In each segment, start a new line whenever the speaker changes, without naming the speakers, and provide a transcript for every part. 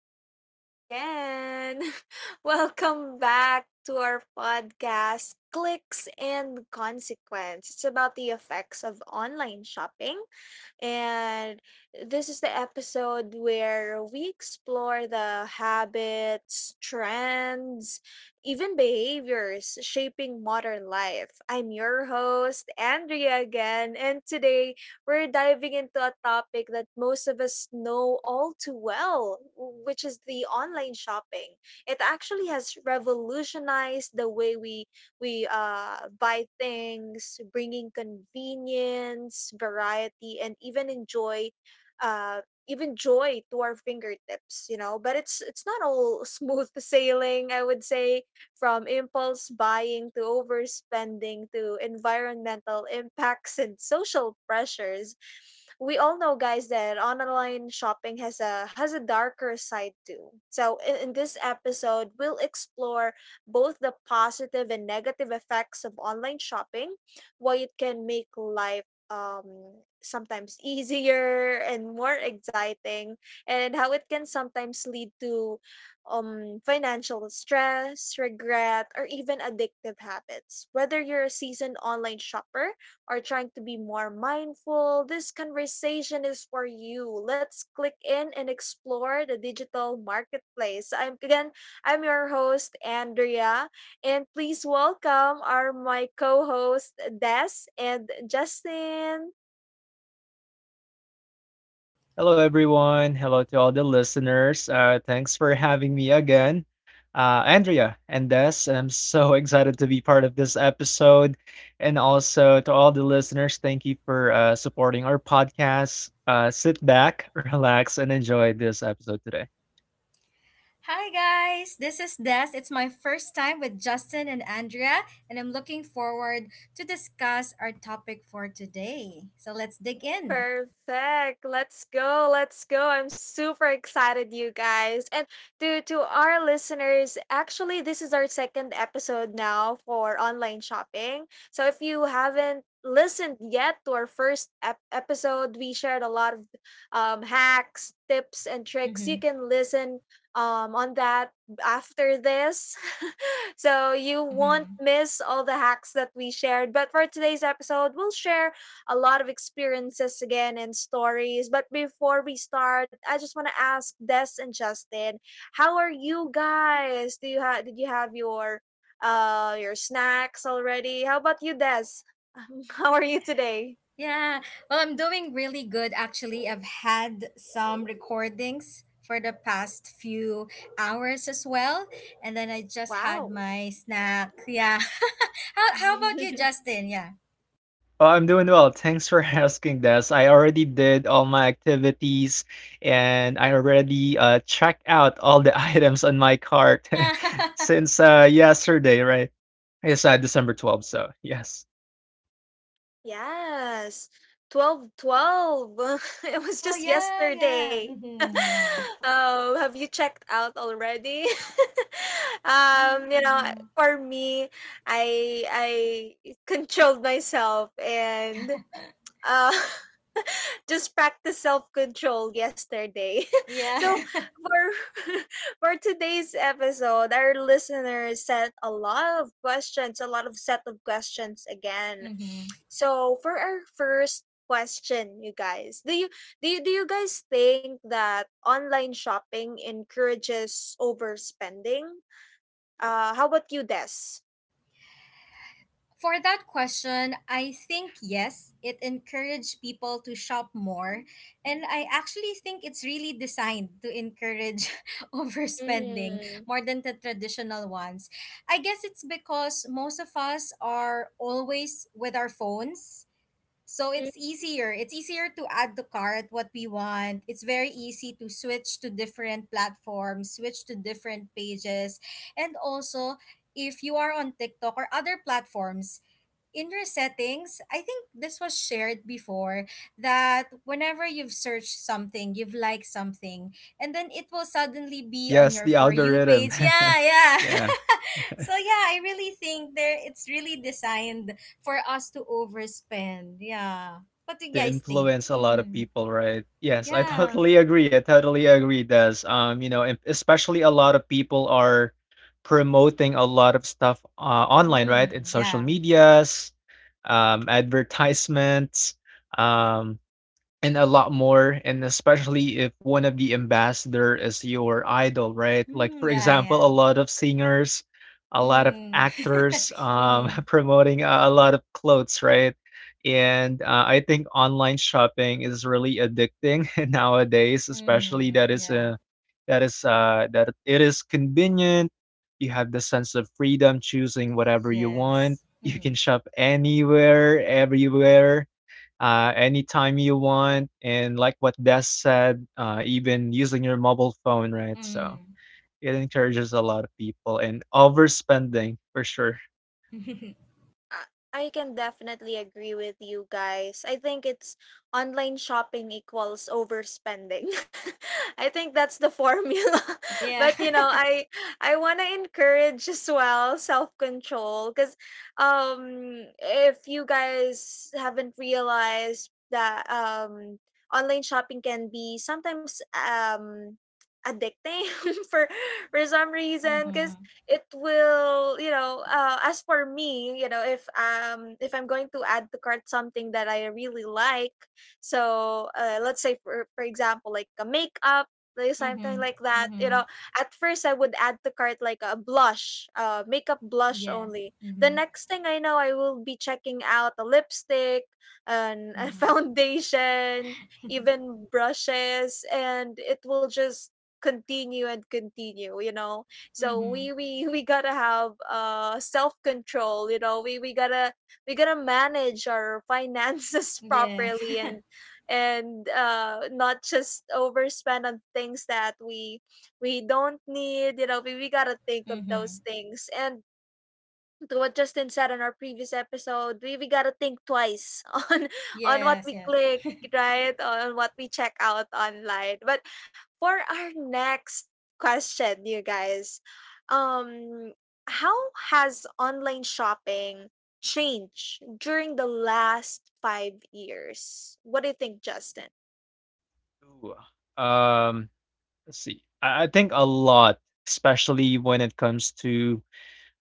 morning again. Welcome back to our podcast, Clicks and Consequence. It's about the effects of online shopping. And this is the episode where we explore the habits, trends, even behaviors shaping modern life. I'm your host, Andrea, again. And today, we're diving into a topic that most of us know all too well, which is the online shopping. It actually has revolutionized the way we buy things, bringing convenience, variety, and even enjoy uh, even joy to our fingertips, but it's not all smooth sailing, I would say. From impulse buying to overspending to environmental impacts and social pressures. We all know, guys, that online shopping has a darker side too. So in this episode, we'll explore both the positive and negative effects of online shopping, why it can make life sometimes easier and more exciting, and how it can sometimes lead to financial stress, regret, or even addictive habits. Whether you're a seasoned online shopper or trying to be more mindful, this conversation is for you. Let's click in and explore the digital marketplace. I'm your host, Andrea, and please welcome our my co-host Des and Justin.
Hello, everyone. Hello to all the listeners. Thanks for having me again. Andrea and Des, I'm so excited to be part of this episode. And also to all the listeners, thank you for supporting our podcast. Sit back, relax, and enjoy this episode today.
Hi guys, this is Des. It's my first time with Justin and Andrea, and I'm looking forward to discuss our topic for today. So let's dig in.
Perfect. Let's go. Let's go. I'm super excited, you guys. And to our listeners, actually this is our second episode now for online shopping. So if you haven't listened yet to our first episode, we shared a lot of hacks, tips and tricks. You
Mm-hmm.
can listen on that after this. So you won't
Mm-hmm.
miss all the hacks that we shared. But for today's episode, we'll share a lot of experiences again and stories. But before we start, I just want to ask Des and Justin, how are you guys? Do you have Did you have your snacks already? How about you, Des? How are you today?
Yeah. Well, I'm doing really good actually. I've had some recordings for the past few hours as well, and then I just had
Wow.
my snack. Yeah. How about you, Justin? Yeah.
Oh, I'm doing well. Thanks for asking, Des. I already did all my activities and I already checked out all the items on my cart since yesterday, right? Yes, December 12th, so yes.
Yes, 12, 12. It was
Oh
just
yeah, yeah.
yesterday.
Mm-hmm. Yeah.
Oh, have you checked out already? Um, you know,
Mm-hmm.
for me, I I controlled myself and uh just practice self-control yesterday.
Yeah.
So for for today's episode, our listeners sent a lot of questions, a lot of set of questions again.
Hmm.
So for our first question, you guys, do you guys think that online shopping encourages overspending? How about you, Des?
For that question, I think yes, it encouraged people to shop more. And I actually think it's really designed to encourage overspending
Mm-hmm.
more than the traditional ones. I guess it's because most of us are always with our phones. So it's easier. It's easier to add to cart what we want. It's very easy to switch to different platforms, switch to different pages. And also, if you are on TikTok or other platforms, in your settings, I think this was shared before that whenever you've searched something, you've liked something, and then it will suddenly be on
Yes,
your
the
For You
algorithm.
page. Yeah, yeah.
Yeah,
So yeah, I really think there it's really designed for us to overspend. Yeah. What do you
to
guys think?
influence a lot of
Mm-hmm.
people, right? Yes, I
Yeah.
totally agree, I totally agree, Does you know, and especially a lot of people are promoting a lot of stuff, online,
Mm,
right? In social
yeah.
medias, advertisements, um, and a lot more, and especially if one of the ambassador is your idol, right? Like
Mm,
for
yeah, yeah.
example, a lot of singers, a lot of
Mm.
actors,
Mm-hmm.
promoting a lot of clothes, right? And I think online shopping is really addicting nowadays, especially
Mm-hmm.
that is
Yeah.
a that is that it is convenient. You have the sense of freedom choosing whatever you want.
Yes.
You
Mm-hmm.
can shop anywhere, everywhere, anytime you want, and like what Des said, even using your mobile phone, right? So
Mm.
it encourages a lot of people and overspending for sure.
I I can definitely agree with you guys. I think it's online shopping equals overspending. I think that's the formula.
Yeah.
but you know, I I want to encourage as well self-control, cuz um if you guys haven't realized that online shopping can be sometimes addicting for for some reason.
Mm-hmm.
It will you know As for me, if I'm going to add to cart something that I really like, so let's say, for example, like a makeup, like something
Mm-hmm.
like that you
Mm-hmm.
know at first I would add to cart like a blush makeup blush
Yes.
only. The
Mm-hmm.
next thing I know, I will be checking out a lipstick and a
Mm-hmm.
foundation, even brushes, and it will just continue and continue. So
Mm-hmm.
we gotta have self control We gotta manage our finances
Yes.
properly, and not just overspend on things that we don't need. We gotta think of
Mm-hmm.
those things, and to what Justin said on our previous episode, we gotta think twice on on what
Yes,
we
yes.
click, right? On what we check out online. But for our next question, you guys, um, how has online shopping changed during the last 5 years? What do you think, Justin?
Ooh, um, let's see. I think a lot, especially when it comes to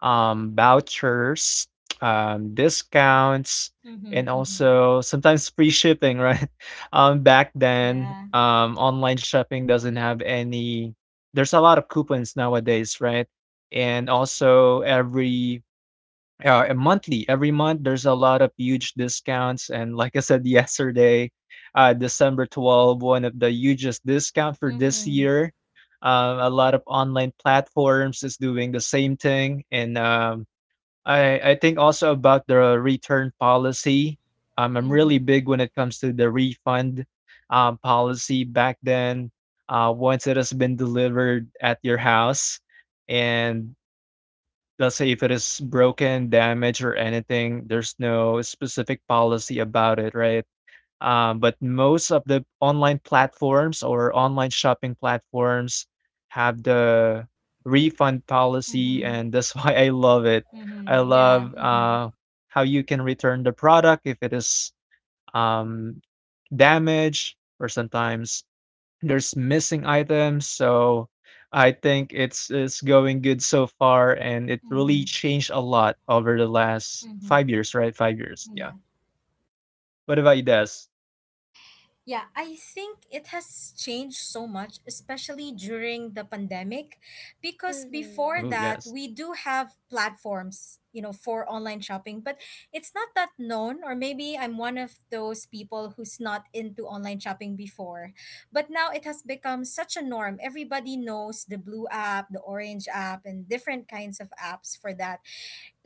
vouchers, discounts,
Mm-hmm.
and
Mm-hmm.
also sometimes free shipping, right? Back then,
Yeah.
online shopping doesn't have any. There's a lot of coupons nowadays, right? And also every every month, there's a lot of huge discounts. And like I said, yesterday, December 12th, one of the hugest discount for this
Mm-hmm.
year. A lot of online platforms is doing the same thing, and I think also about the return policy. I'm really
Mm-hmm.
big when it comes to the refund policy back then. Once it has been delivered at your house, and let's say if it is broken, damaged, or anything, there's no specific policy about it, right? But most of the online platforms or online shopping platforms have the refund policy,
Mm-hmm.
and that's why I love it. I
Mm-hmm. Yeah.
love
Mm-hmm.
how you can return the product if it is um, damaged, or sometimes there's missing items. So I think it's going good so far, and it really
Mm-hmm.
changed a lot over the last
Mm-hmm.
5 years, right? 5 years, yeah.
Yeah.
What about you, Des?
Yeah. I think it has changed so much, especially during the pandemic, because
Mm-hmm.
before
Oh,
that
yes.
we do have platforms, you know, for online shopping, but it's not that known. Or maybe I'm one of those people who's not into online shopping before, but now it has become such a norm. Everybody knows the blue app, the orange app, and different kinds of apps for that.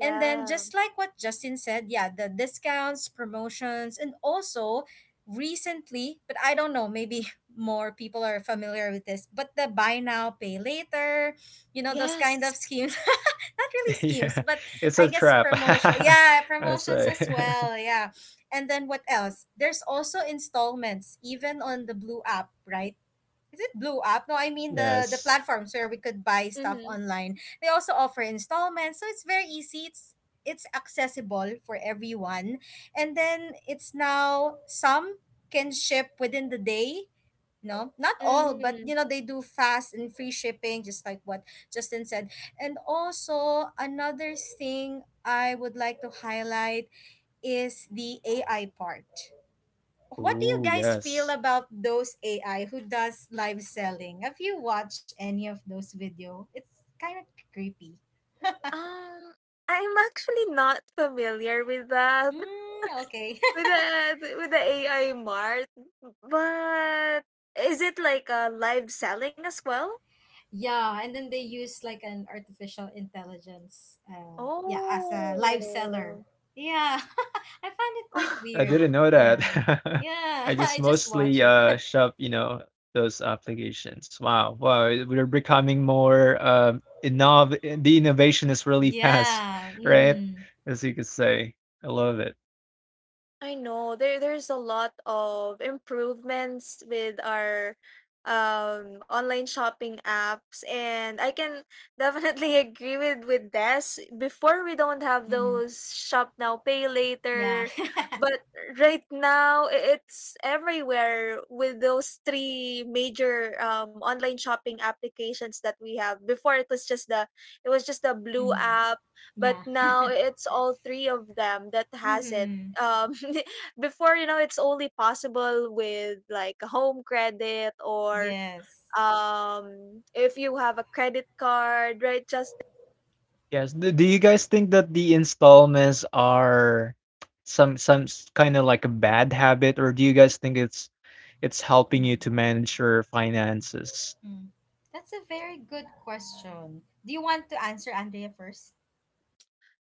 And then, just like what Justin said, yeah, the discounts, promotions, and also recently, but I don't know, maybe more people are familiar with this, but the buy now, pay later, you know, those kind of
Yes.
schemes. Not really schemes,
Yeah,
but
it's
I
a
guess
trap.
promotion. Yeah,
I
promotions
say.
as well. Yeah. And then what else? There's also installments, even on the Blue app, right? Is it Blue app? No, I mean the
Yes.
platforms where we could buy stuff
Mm-hmm.
online. They also offer installments, so it's very easy. It's accessible for everyone. And then it's now some can ship within the day. No, not all, but
Mm-hmm.
you know they do fast and free shipping just like what Justin said. And also another thing I would like to highlight is the AI part. What do you
Ooh,
guys feel
yes.
about those AI who does live selling? Have you watched any of those video? It's kind of creepy.
Um, I'm actually not familiar with that.
Mm, okay.
With the with the AI Mart, but is it like a live selling as well?
Yeah, and then they use like an artificial intelligence yeah, as a live seller.
Oh.
Yeah. I find it quite
I
weird.
didn't know
Yeah.
that.
Yeah,
I just
I just
mostly,
watch it.
shove, you know, those applications. Wow, wow, we're becoming more, innov the innovation is really fast,
Yeah.
right?
Mhm.
As you could say. I love it.
I know there's a lot of improvements with our online shopping apps, and I can definitely agree with this. Before, we don't have
Mhm.
those shop now pay
Yeah.
later, but right now it's everywhere with those three major online shopping applications that we have. Before it was just the blue
Mhm.
app, but
Yeah.
now it's all three of them that has it
Mhm.
um before, it's only possible with like a home credit or
Yes.
if you have a credit card, right? Just
Yes. Do you guys think that the installments are some kind of like a bad habit, or do you guys think it's helping you to
Mm-hmm.
manage your finances?
Mm. That's a very good question. Do you want to answer Andrea first?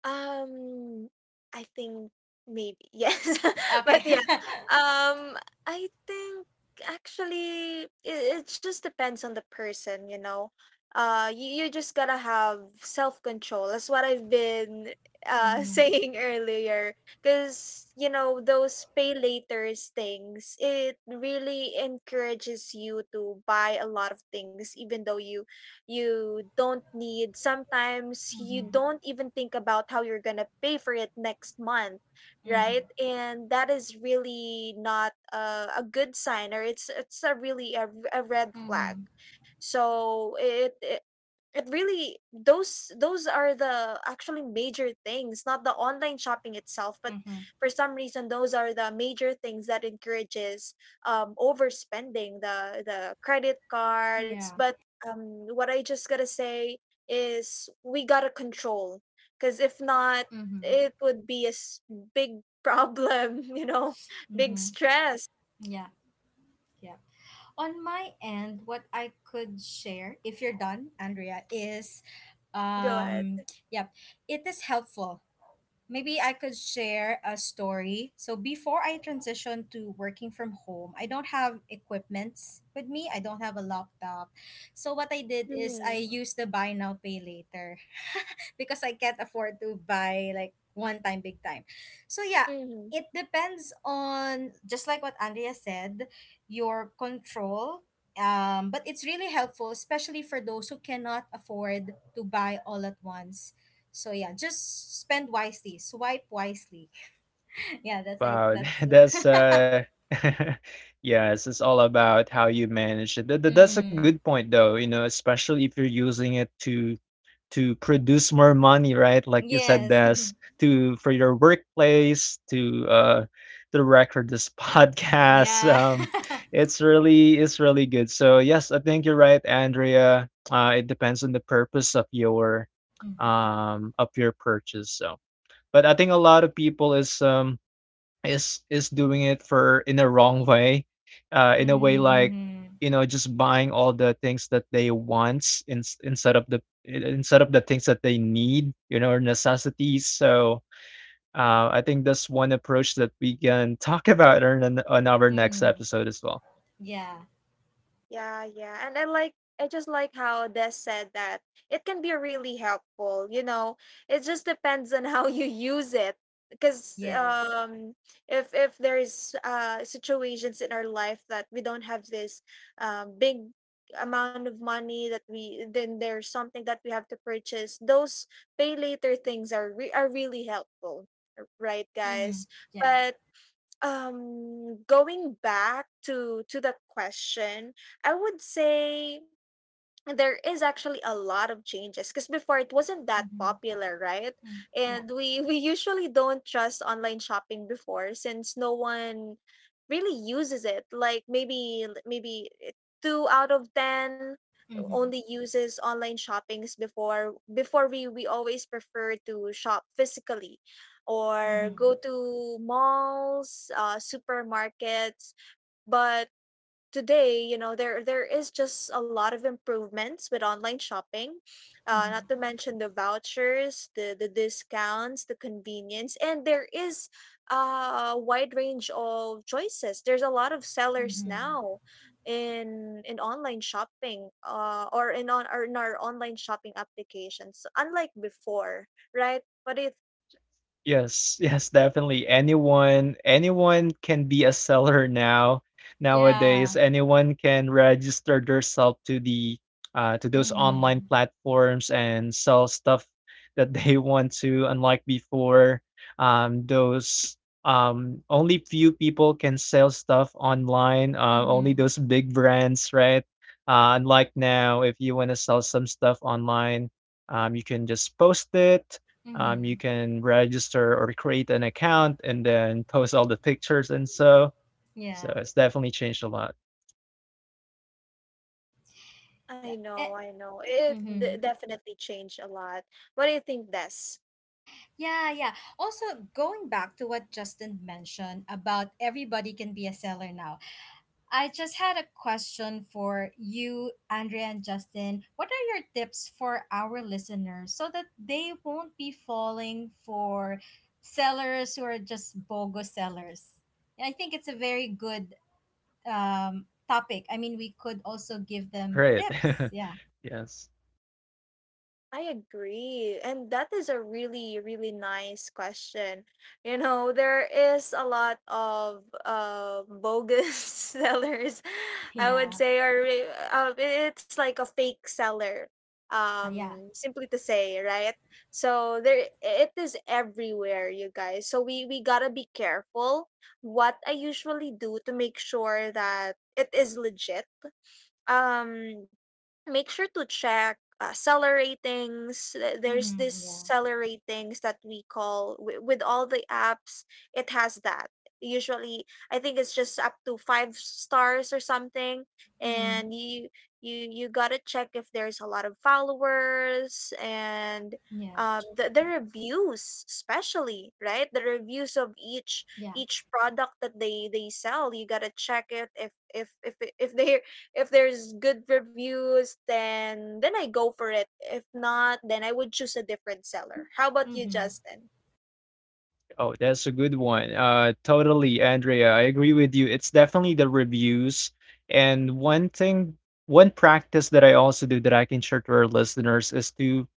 Um, I think maybe. Yes.
Okay.
But yeah. Um, I think actually it just depends on the person, you know. You just gotta have self-control. That's what I've been
Mhm.
saying earlier. Because those pay laters things, it really encourages you to buy a lot of things, even though you don't need. Sometimes you
Mhm.
don't even think about how you're going to pay for it next month, right?
Mhm.
And that is really not a good sign, or it's a really a red flag.
Mhm.
So it really, those are the actually major things, not the online shopping itself, but
Mhm.
for some reason those are the major things that encourages overspending, the credit cards.
Yeah.
But what I just gotta say is we gotta control, because if not,
Mhm.
it would be a big problem, big
Mhm.
stress.
Yeah. Yeah. On my end, what I could share, if you're done, Andrea, is
Go ahead.
yep, it is helpful. Maybe I could share a story. So before I transitioned to working from home, I don't have equipments with me. I don't have a laptop. So what I did is I
Hmm.
used the buy now pay later because I can't afford to buy like one time big time. So yeah, it depends on just like what Andrea said, your control. But it's really helpful, especially for those who cannot afford to buy all at once, so yeah, just spend wisely, swipe wisely. Yeah, that's I
Wow,
that's
that's yes, it's all about how you manage it. That's a
Mm,
good point, though. You know, especially if you're using it to produce more money, right? Like you said,
yes.
Des, to for your workplace, to record this podcast.
Yeah.
Um, it's really it's really good. So yes, I think you're right, Andrea. It depends on the purpose
Mm-hmm.
of your purchase. So, but I think a lot of people is doing it for, in a wrong way, in a way, like, you know, just buying all the things that they want in, instead of the instead of the things that they need, you know, or necessities. So I think that's one approach that we can talk about on our next
Mm-hmm.
episode as well.
Yeah.
Yeah, yeah. And I just like how Des said that it can be really helpful. It just depends on how you use it. Because
Yes.
if there's situations in our life that we don't have this big amount of money, that we, then there's something that we have to purchase, those pay later things are really helpful. Right,
Mm-hmm.
guys?
Yeah.
But going back to the question, I would say there is actually a lot of changes, because before it wasn't that
Mm-hmm.
popular, right?
Mm, yeah.
And we usually don't trust online shopping before, since no one really uses it, like maybe 2 out of 10
Mm-hmm.
only uses online shoppings Before, we always prefer to shop physically or go
Mm-hmm.
to malls, supermarkets. But today, there is just a lot of improvements with online shopping, not to
Mm-hmm.
mention the vouchers, the discounts, the convenience, and there is a wide range of choices. There's a lot of sellers
Mm-hmm.
now in online shopping, or in our online shopping applications, unlike before, right? But it
Yes, yes, definitely. Anyone can be a seller now. Nowadays,
Yeah.
anyone can register themselves to the to those online
Mm-hmm.
platforms and sell stuff that they want to. Unlike before, those only few people can sell stuff online. Only
Mm-hmm.
those big brands, right? Unlike now, if you want to sell some stuff online, you can just post it, you
Mm-hmm.
can register or create an account and then post all the pictures and so. So
Yeah.
it's definitely changed a lot.
i
Yeah.
know
Eh.
i know it d-
Mm-hmm.
definitely changed a lot. What do you think, Des?
Yeah, yeah. Also, going back to what Justin mentioned about everybody can be a seller now, I just had a question for you, Andrea and Justin. What are your tips for our listeners so that they won't be falling for sellers who are just BOGO sellers? And I think it's a very good topic. I mean, we could also give them
Great.
tips. Yeah,
Yes.
I agree. And that is a really, really nice question. You know, there is a lot of bogus sellers, I
yeah,
would say, or it's like a fake seller,
yeah, yeah.
simply to say, right? So there, it is everywhere, you guys. So we gotta be careful. What I usually do to make sure that it is legit, um make sure to check seller ratings. There's this
Mm-hmm, yeah.
seller ratings that we call with all the apps. It has that usually, I think it's just up to five stars or something.
Mm-hmm,
And you gotta check if there's a lot of followers, and
yeah,
the reviews especially, right? The reviews of each
yeah.
each product that they sell, you gotta check it. If there's good reviews, then I go for it. If not, then I would choose a different seller. How about you,
Mm-hmm.
Justin?
Oh, that's a good one. Totally, Andrea. I agree with you. It's definitely the reviews. And one thing, One practice that I also do that I can share to our listeners is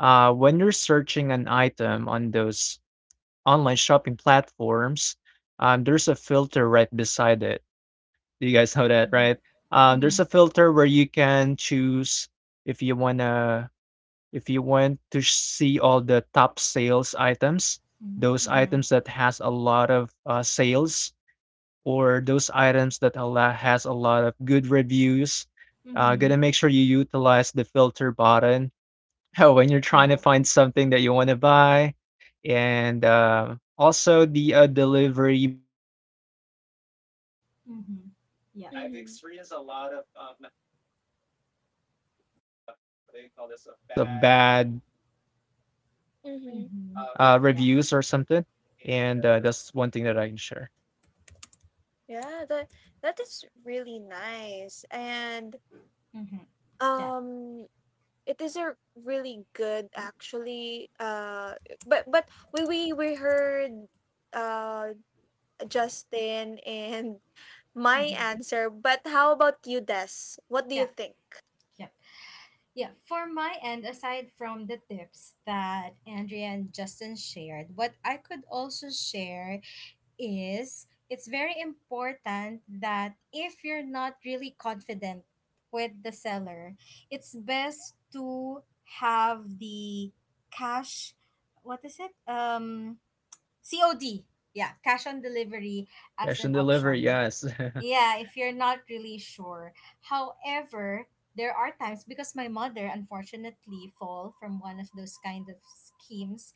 when you're searching an item on those online shopping platforms, there's a filter right beside it. Do you guys know that, right?
Mm-hmm. Mm-hmm.
There's a filter where you can choose if you wanna if you want to see all the top sales items, those
Mm-hmm.
items that has a lot of sales, or those items that a lot has a lot of good reviews.
Mm-hmm.
Gonna make sure you utilize the filter button when you're trying to
Yeah.
find something that you want to buy, and also the delivery method. Um, I've
Mm-hmm.
been
Yeah.
I've experienced a
Mm-hmm.
lot of what do you call this? Of bad
Mm-hmm.
Mm-hmm. Yeah.
reviews or something. And that's one thing that I can share.
Yeah, that is really nice. And
Mm-hmm. Yeah.
um it is a really good actually, but we heard uh Justin and my
Mm-hmm.
answer, but how about you, Des? What do you
Yeah.
think?
Yep. Yeah. For my end, aside from the tips that Andrea and Justin shared, what I could also share is it's very important that if you're not really confident with the seller, it's best to have the cash. What is it? COD. Yeah, cash on delivery as
Cash
an
and delivery,
option.
yes.
Yeah, if you're not really sure. However, there are times because my mother unfortunately fall from one of those kind of schemes.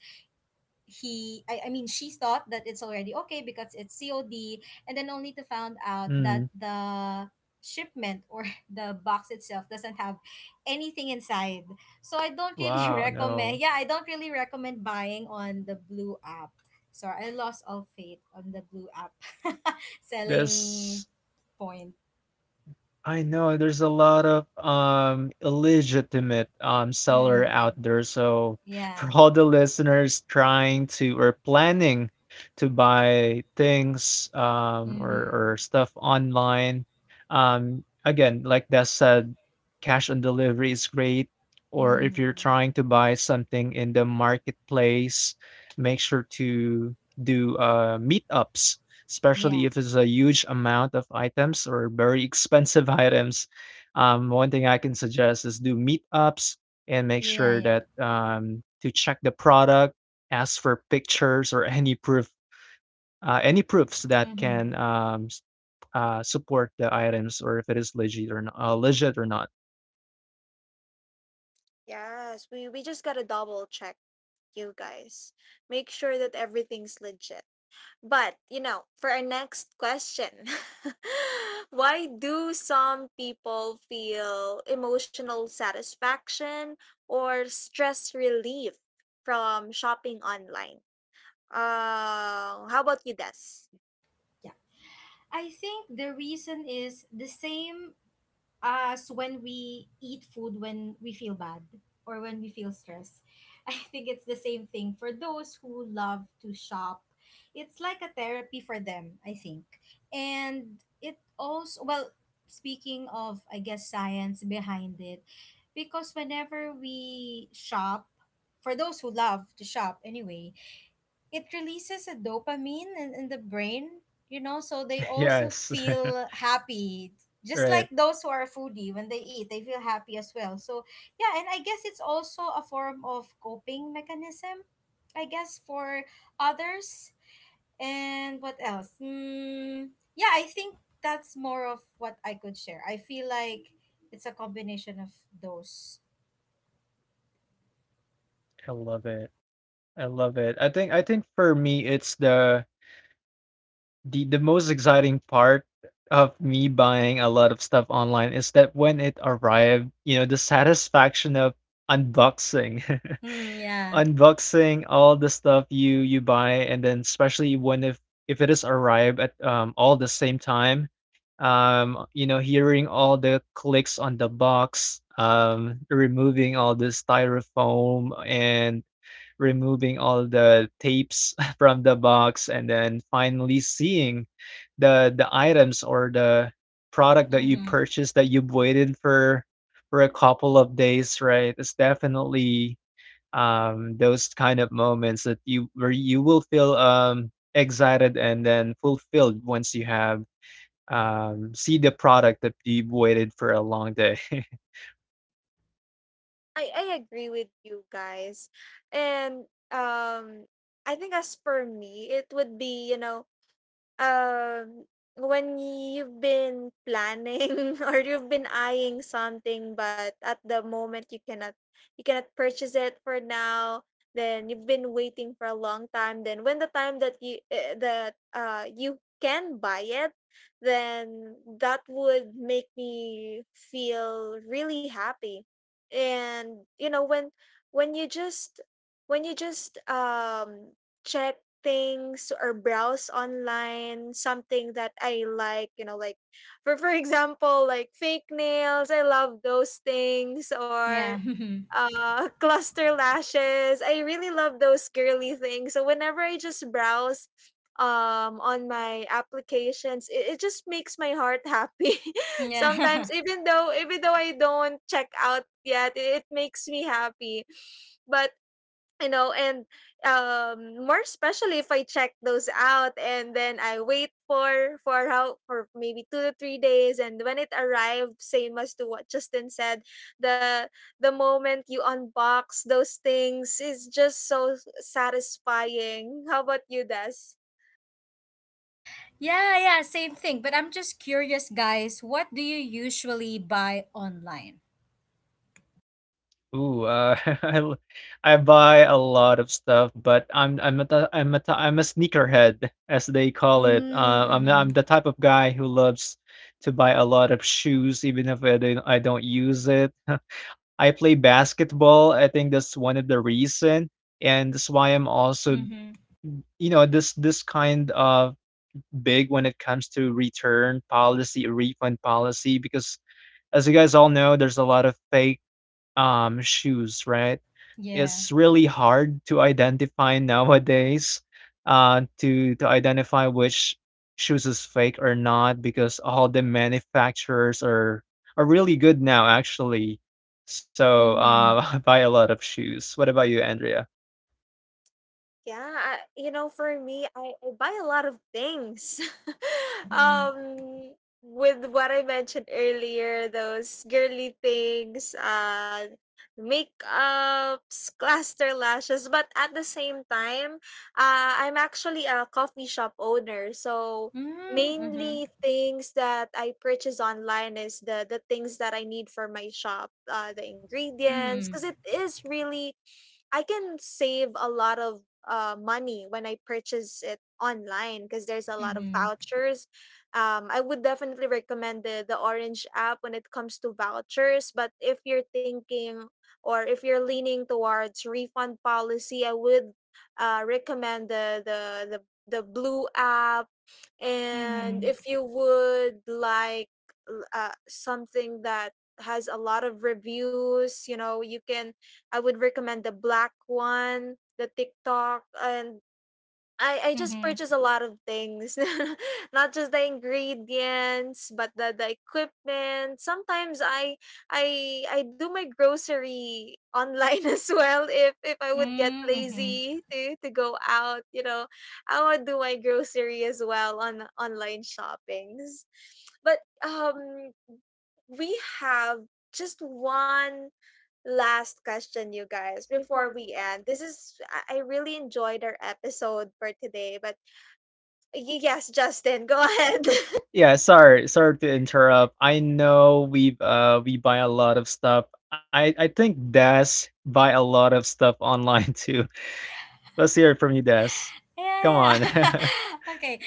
I mean she thought that it's already okay because it's COD, and then only to found out that
Mm.
the shipment or the box itself doesn't have anything inside, so I don't really
Wow,
recommend
no.
yeah I don't really recommend buying on the blue app. Sorry, I lost all faith on the blue app selling
This
point.
I know there's a lot of, illegitimate, seller out
Mm,
there, so for
yeah.
all the listeners trying to or planning to buy things,
Mm-hmm.
or stuff online, again, like Des said, cash on delivery is great, or if you're
Mm-hmm.
trying to buy something in the marketplace, make sure to meetups,
Yeah.
especially if it's a huge amount of items or very expensive items. One thing I can suggest is do meetups and make
Yeah.
sure
Yeah.
that to check the product, ask for pictures or any proof, any proofs that can
Mm-hmm.
support the items or if it is legit or not, uh.
Yes, we just gotta double check, you guys. Make sure that everything's legit. But for our next question, why do some people feel emotional satisfaction or stress relief from shopping online? How about you, Des?
Yeah. I think the reason is the same as when we eat food when we feel bad or when we feel stressed. I think it's the same thing for those who love to shop. It's like a therapy for them, I think. And it also, well, speaking of, I guess, science behind it, because whenever we shop, for those who love to shop anyway, it releases a dopamine in the brain, you know, so they also
Yes,
feel happy. Just
right.
like those who are foodie, when they eat, they feel happy as well. So, yeah, and I guess it's also a form of coping mechanism, I guess, for others. And what else? Mm, yeah, I think that's more of what I could share. I feel like it's a combination of those.
I love it. I love it. I think for me it's the most exciting part of me buying a lot of stuff online is that when it arrived, you know, the satisfaction of unboxing,
Mm, yeah.
unboxing all the stuff you buy, and then especially when if it is arrived at all the same time, you know, hearing all the clicks on the box, removing all the styrofoam and removing all the tapes from the box and then finally seeing the items or the product that you
Mm-hmm.
purchased that you've waited for a couple of days, right? It's definitely those kind of moments that you where you will feel excited and then fulfilled once you have see the product that you've waited for a long day.
I agree with you guys. And um, I think as for me, it would be, Um, when you've been planning or you've been eyeing something, but at the moment you cannot purchase it for now, then you've been waiting for a long time, then when the time that you can buy it, then that would make me feel really happy. And when you just check things or browse online something that I like, like, for example, like fake nails. I love those things, or
Yeah.
cluster lashes. I really love those girly things. So whenever I just browse on my applications, it just makes my heart happy.
Yeah.
Sometimes, even though I don't check out yet, it makes me happy. But you know and more especially if I check those out and then I wait for maybe 2 to 3 days and when it arrived, same as to what Justin said, the the moment you unbox those things is just so satisfying. How about you, Des?
Yeah, yeah, same thing. But I'm just curious, guys. What do you usually buy online?
Ooh, uh, I l I buy a lot of stuff, but I'm a sneakerhead, as they call it.
Mm, mm-hmm.
I'm the type of guy who loves to buy a lot of shoes, even if I don't use it. I play basketball. I think that's one of the reason, and that's why I'm also,
Mm-hmm.
you know, this kind of big when it comes to return policy, refund policy, because as you guys all know, there's a lot of fake shoes, right? Is
Yeah.
really hard to identify nowadays, to identify which shoes is fake or not because all the manufacturers are really good now actually. So
Mm-hmm.
I buy a lot of shoes. What about you, Andrea?
Yeah, for me, I buy a lot of things.
Mm-hmm.
um, with what I mentioned earlier, those girly things, makeups, cluster lashes. But at the same time, I'm actually a coffee shop owner, so
Mm-hmm.
mainly things that I purchase online is the things that I need for my shop, the
Mm-hmm.
ingredients,
Mm-hmm.
because it is really I can save a lot of money when I purchase it online because there's a lot of
Mm-hmm.
vouchers. I would definitely recommend the Orange app when it comes to vouchers. But if you're thinking or if you're leaning towards refund policy, I would recommend the the Blue app. And
Mm-hmm.
if you would like something that has a lot of reviews, you know, you can I would recommend the black one, the TikTok, and I just
Mm-hmm.
purchase a lot of things, not just the ingredients, but the equipment. Sometimes I do my grocery online as well. If I would get
Mm-hmm.
lazy to go out, you know, I would do my grocery as well on online shoppings. But um, we have just one last question, you guys, before we end. I really enjoyed our episode for today, but yes, Justin, go ahead.
Yeah, sorry to interrupt. I know we buy a lot of stuff. I think Des buy a lot of stuff online too. Let's hear it from you, Des. Come
Yeah.
on.
Yeah. Okay.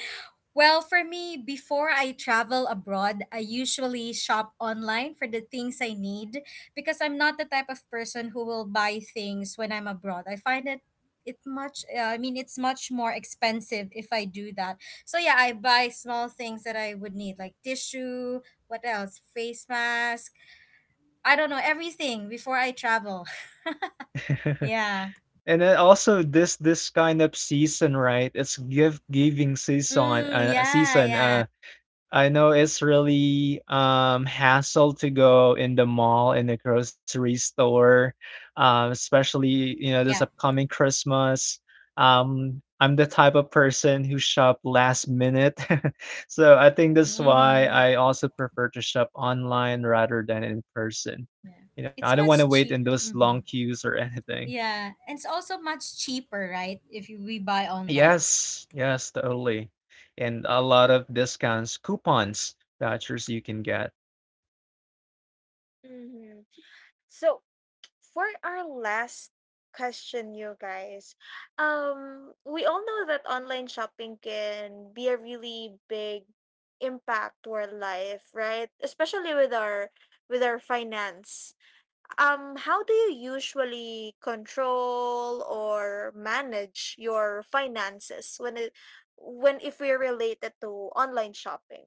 Well, for me, before I travel abroad, I usually shop online for the things I need because I'm not the type of person who will buy things when I'm abroad. I find it much I mean it's much more expensive if I do that. So yeah, I buy small things that I would need like tissue, what else? Face mask. I don't know, everything before I travel. Yeah.
And then also this kind of season, right? It's gift giving season.
Mm, yeah, yeah.
I know it's really hassle to go in the mall in the grocery store, especially, you know, this
Yeah.
upcoming Christmas. I'm the type of person who shop last minute, so I think that's
Mm,
why
mhm.
I also prefer to shop online rather than in person.
Yeah.
You know, I don't
It's
want to
much
wait in those
cheaper.
long
Mhm.
queues or anything.
Yeah, and it's also much cheaper, right? If you, We buy online.
Yes, yes, totally. And a lot of discounts, coupons, vouchers you can get.
hmm. So, for our last question, you guys, we all know that online shopping can be a really big impact to our life, right? Especially with our finance. How do you usually control or manage your finances when it when if we relate it to online shopping?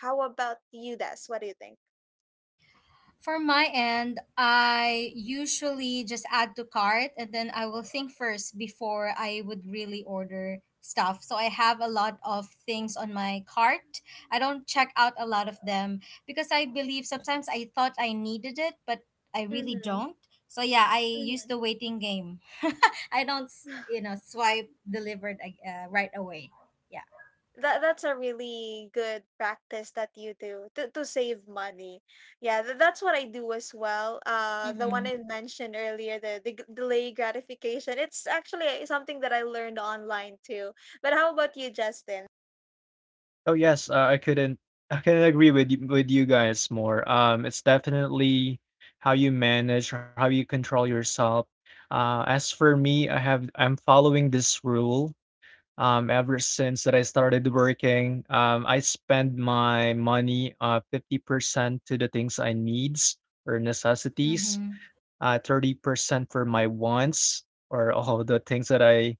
How about you, Des? What do you think?
For my end, I usually just add to cart and then I will think first before I would really order stuff. So I have a lot of things on my cart. I don't check out a lot of them because I believe sometimes I thought I needed it, but I really
Mm-hmm.
don't. So yeah, I
Mm-hmm.
use the waiting game. I don't, you know, swipe delivered right away. Yeah.
That's a really good practice that you do to save money. Yeah, that's what I do as well. The one
Mm-hmm.
I mentioned earlier, the delay gratification. It's actually something that I learned online too. But how about you, Justin?
Oh yes, I couldn't agree with with you guys more. It's definitely how you manage, how you control yourself. As for me, I'm following this rule. Ever since that I started working, I spend my money 50% to the things I needs or necessities,
Mm-hmm.
30% for my wants or all the things that I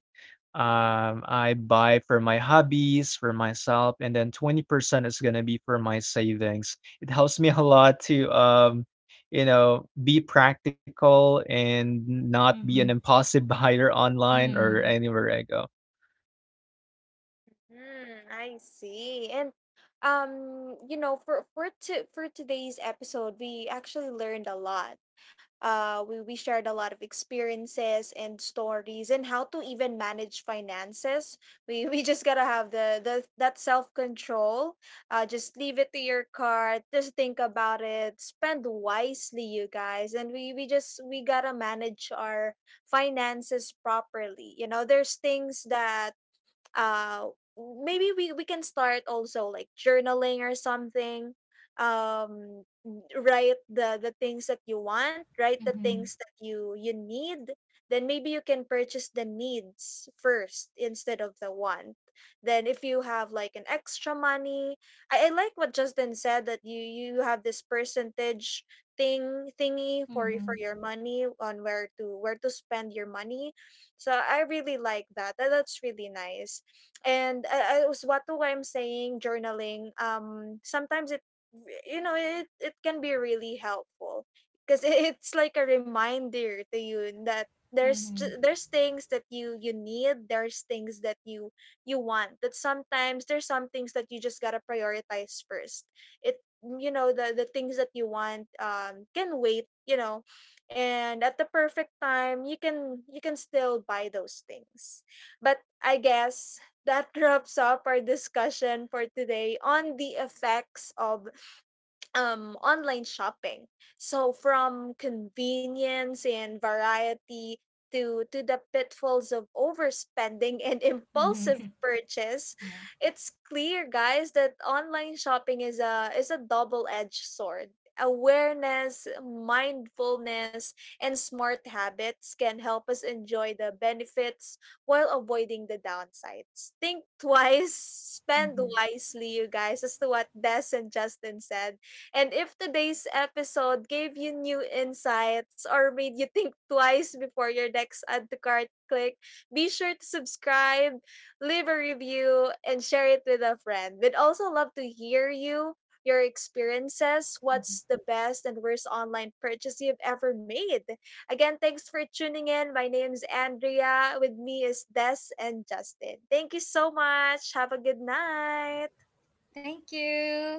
um, I buy for my hobbies, for myself, and then 20% is gonna be for my savings. It helps me a lot to, you know, be practical and not be an
Mhm.
impulsive buyer online or
Mm.
anywhere I go.
Mm, I see. And you know, for today's episode, we actually learned a lot. We shared a lot of experiences and stories and how to even manage finances. We just gotta have the that self control. Just leave it to your card. Just think about it. Spend wisely, you guys. And we gotta manage our finances properly. You know, there's things that uh maybe we can start also like journaling or something. um Write the things that you want. Write the
Mhm.
things that you need. Then maybe you can purchase the needs first instead of the want. Then if you have like an extra money, I like what Justin said, that you have this percentage thingy for
Mhm.
for your money on where to spend your money. So I really like that's really nice. And a as what I'm saying, journaling, sometimes it, you know, it can be really helpful because it's like a reminder to you that
Mhm.
there's
Mhm.
there's things that you need, there's things that you want, that sometimes there's some things that you just gotta prioritize first. It You know, the things that you want, can wait, you know. And at the perfect time, you can still buy those things. But I guess that wraps up our discussion for today on the effects of online shopping. So from convenience and variety to the pitfalls of overspending and impulsive purchase,
Yeah.
it's clear, guys, that online shopping is a double-edged sword. Awareness, mindfulness, and smart habits can help us enjoy the benefits while avoiding the downsides. Think twice, spend
Mhm.
wisely, you guys, as to what Des and Justin said. And if today's episode gave you new insights or made you think twice before your next add to cart click, be sure to subscribe, leave a review, and share it with a friend. We'd also love to hear you. Your experiences, what's the best and worst online purchase you've ever made? Again, thanks for tuning in. My name's Andrea. With me is Des and Justin. Thank you so much. Have a good night.
Thank you.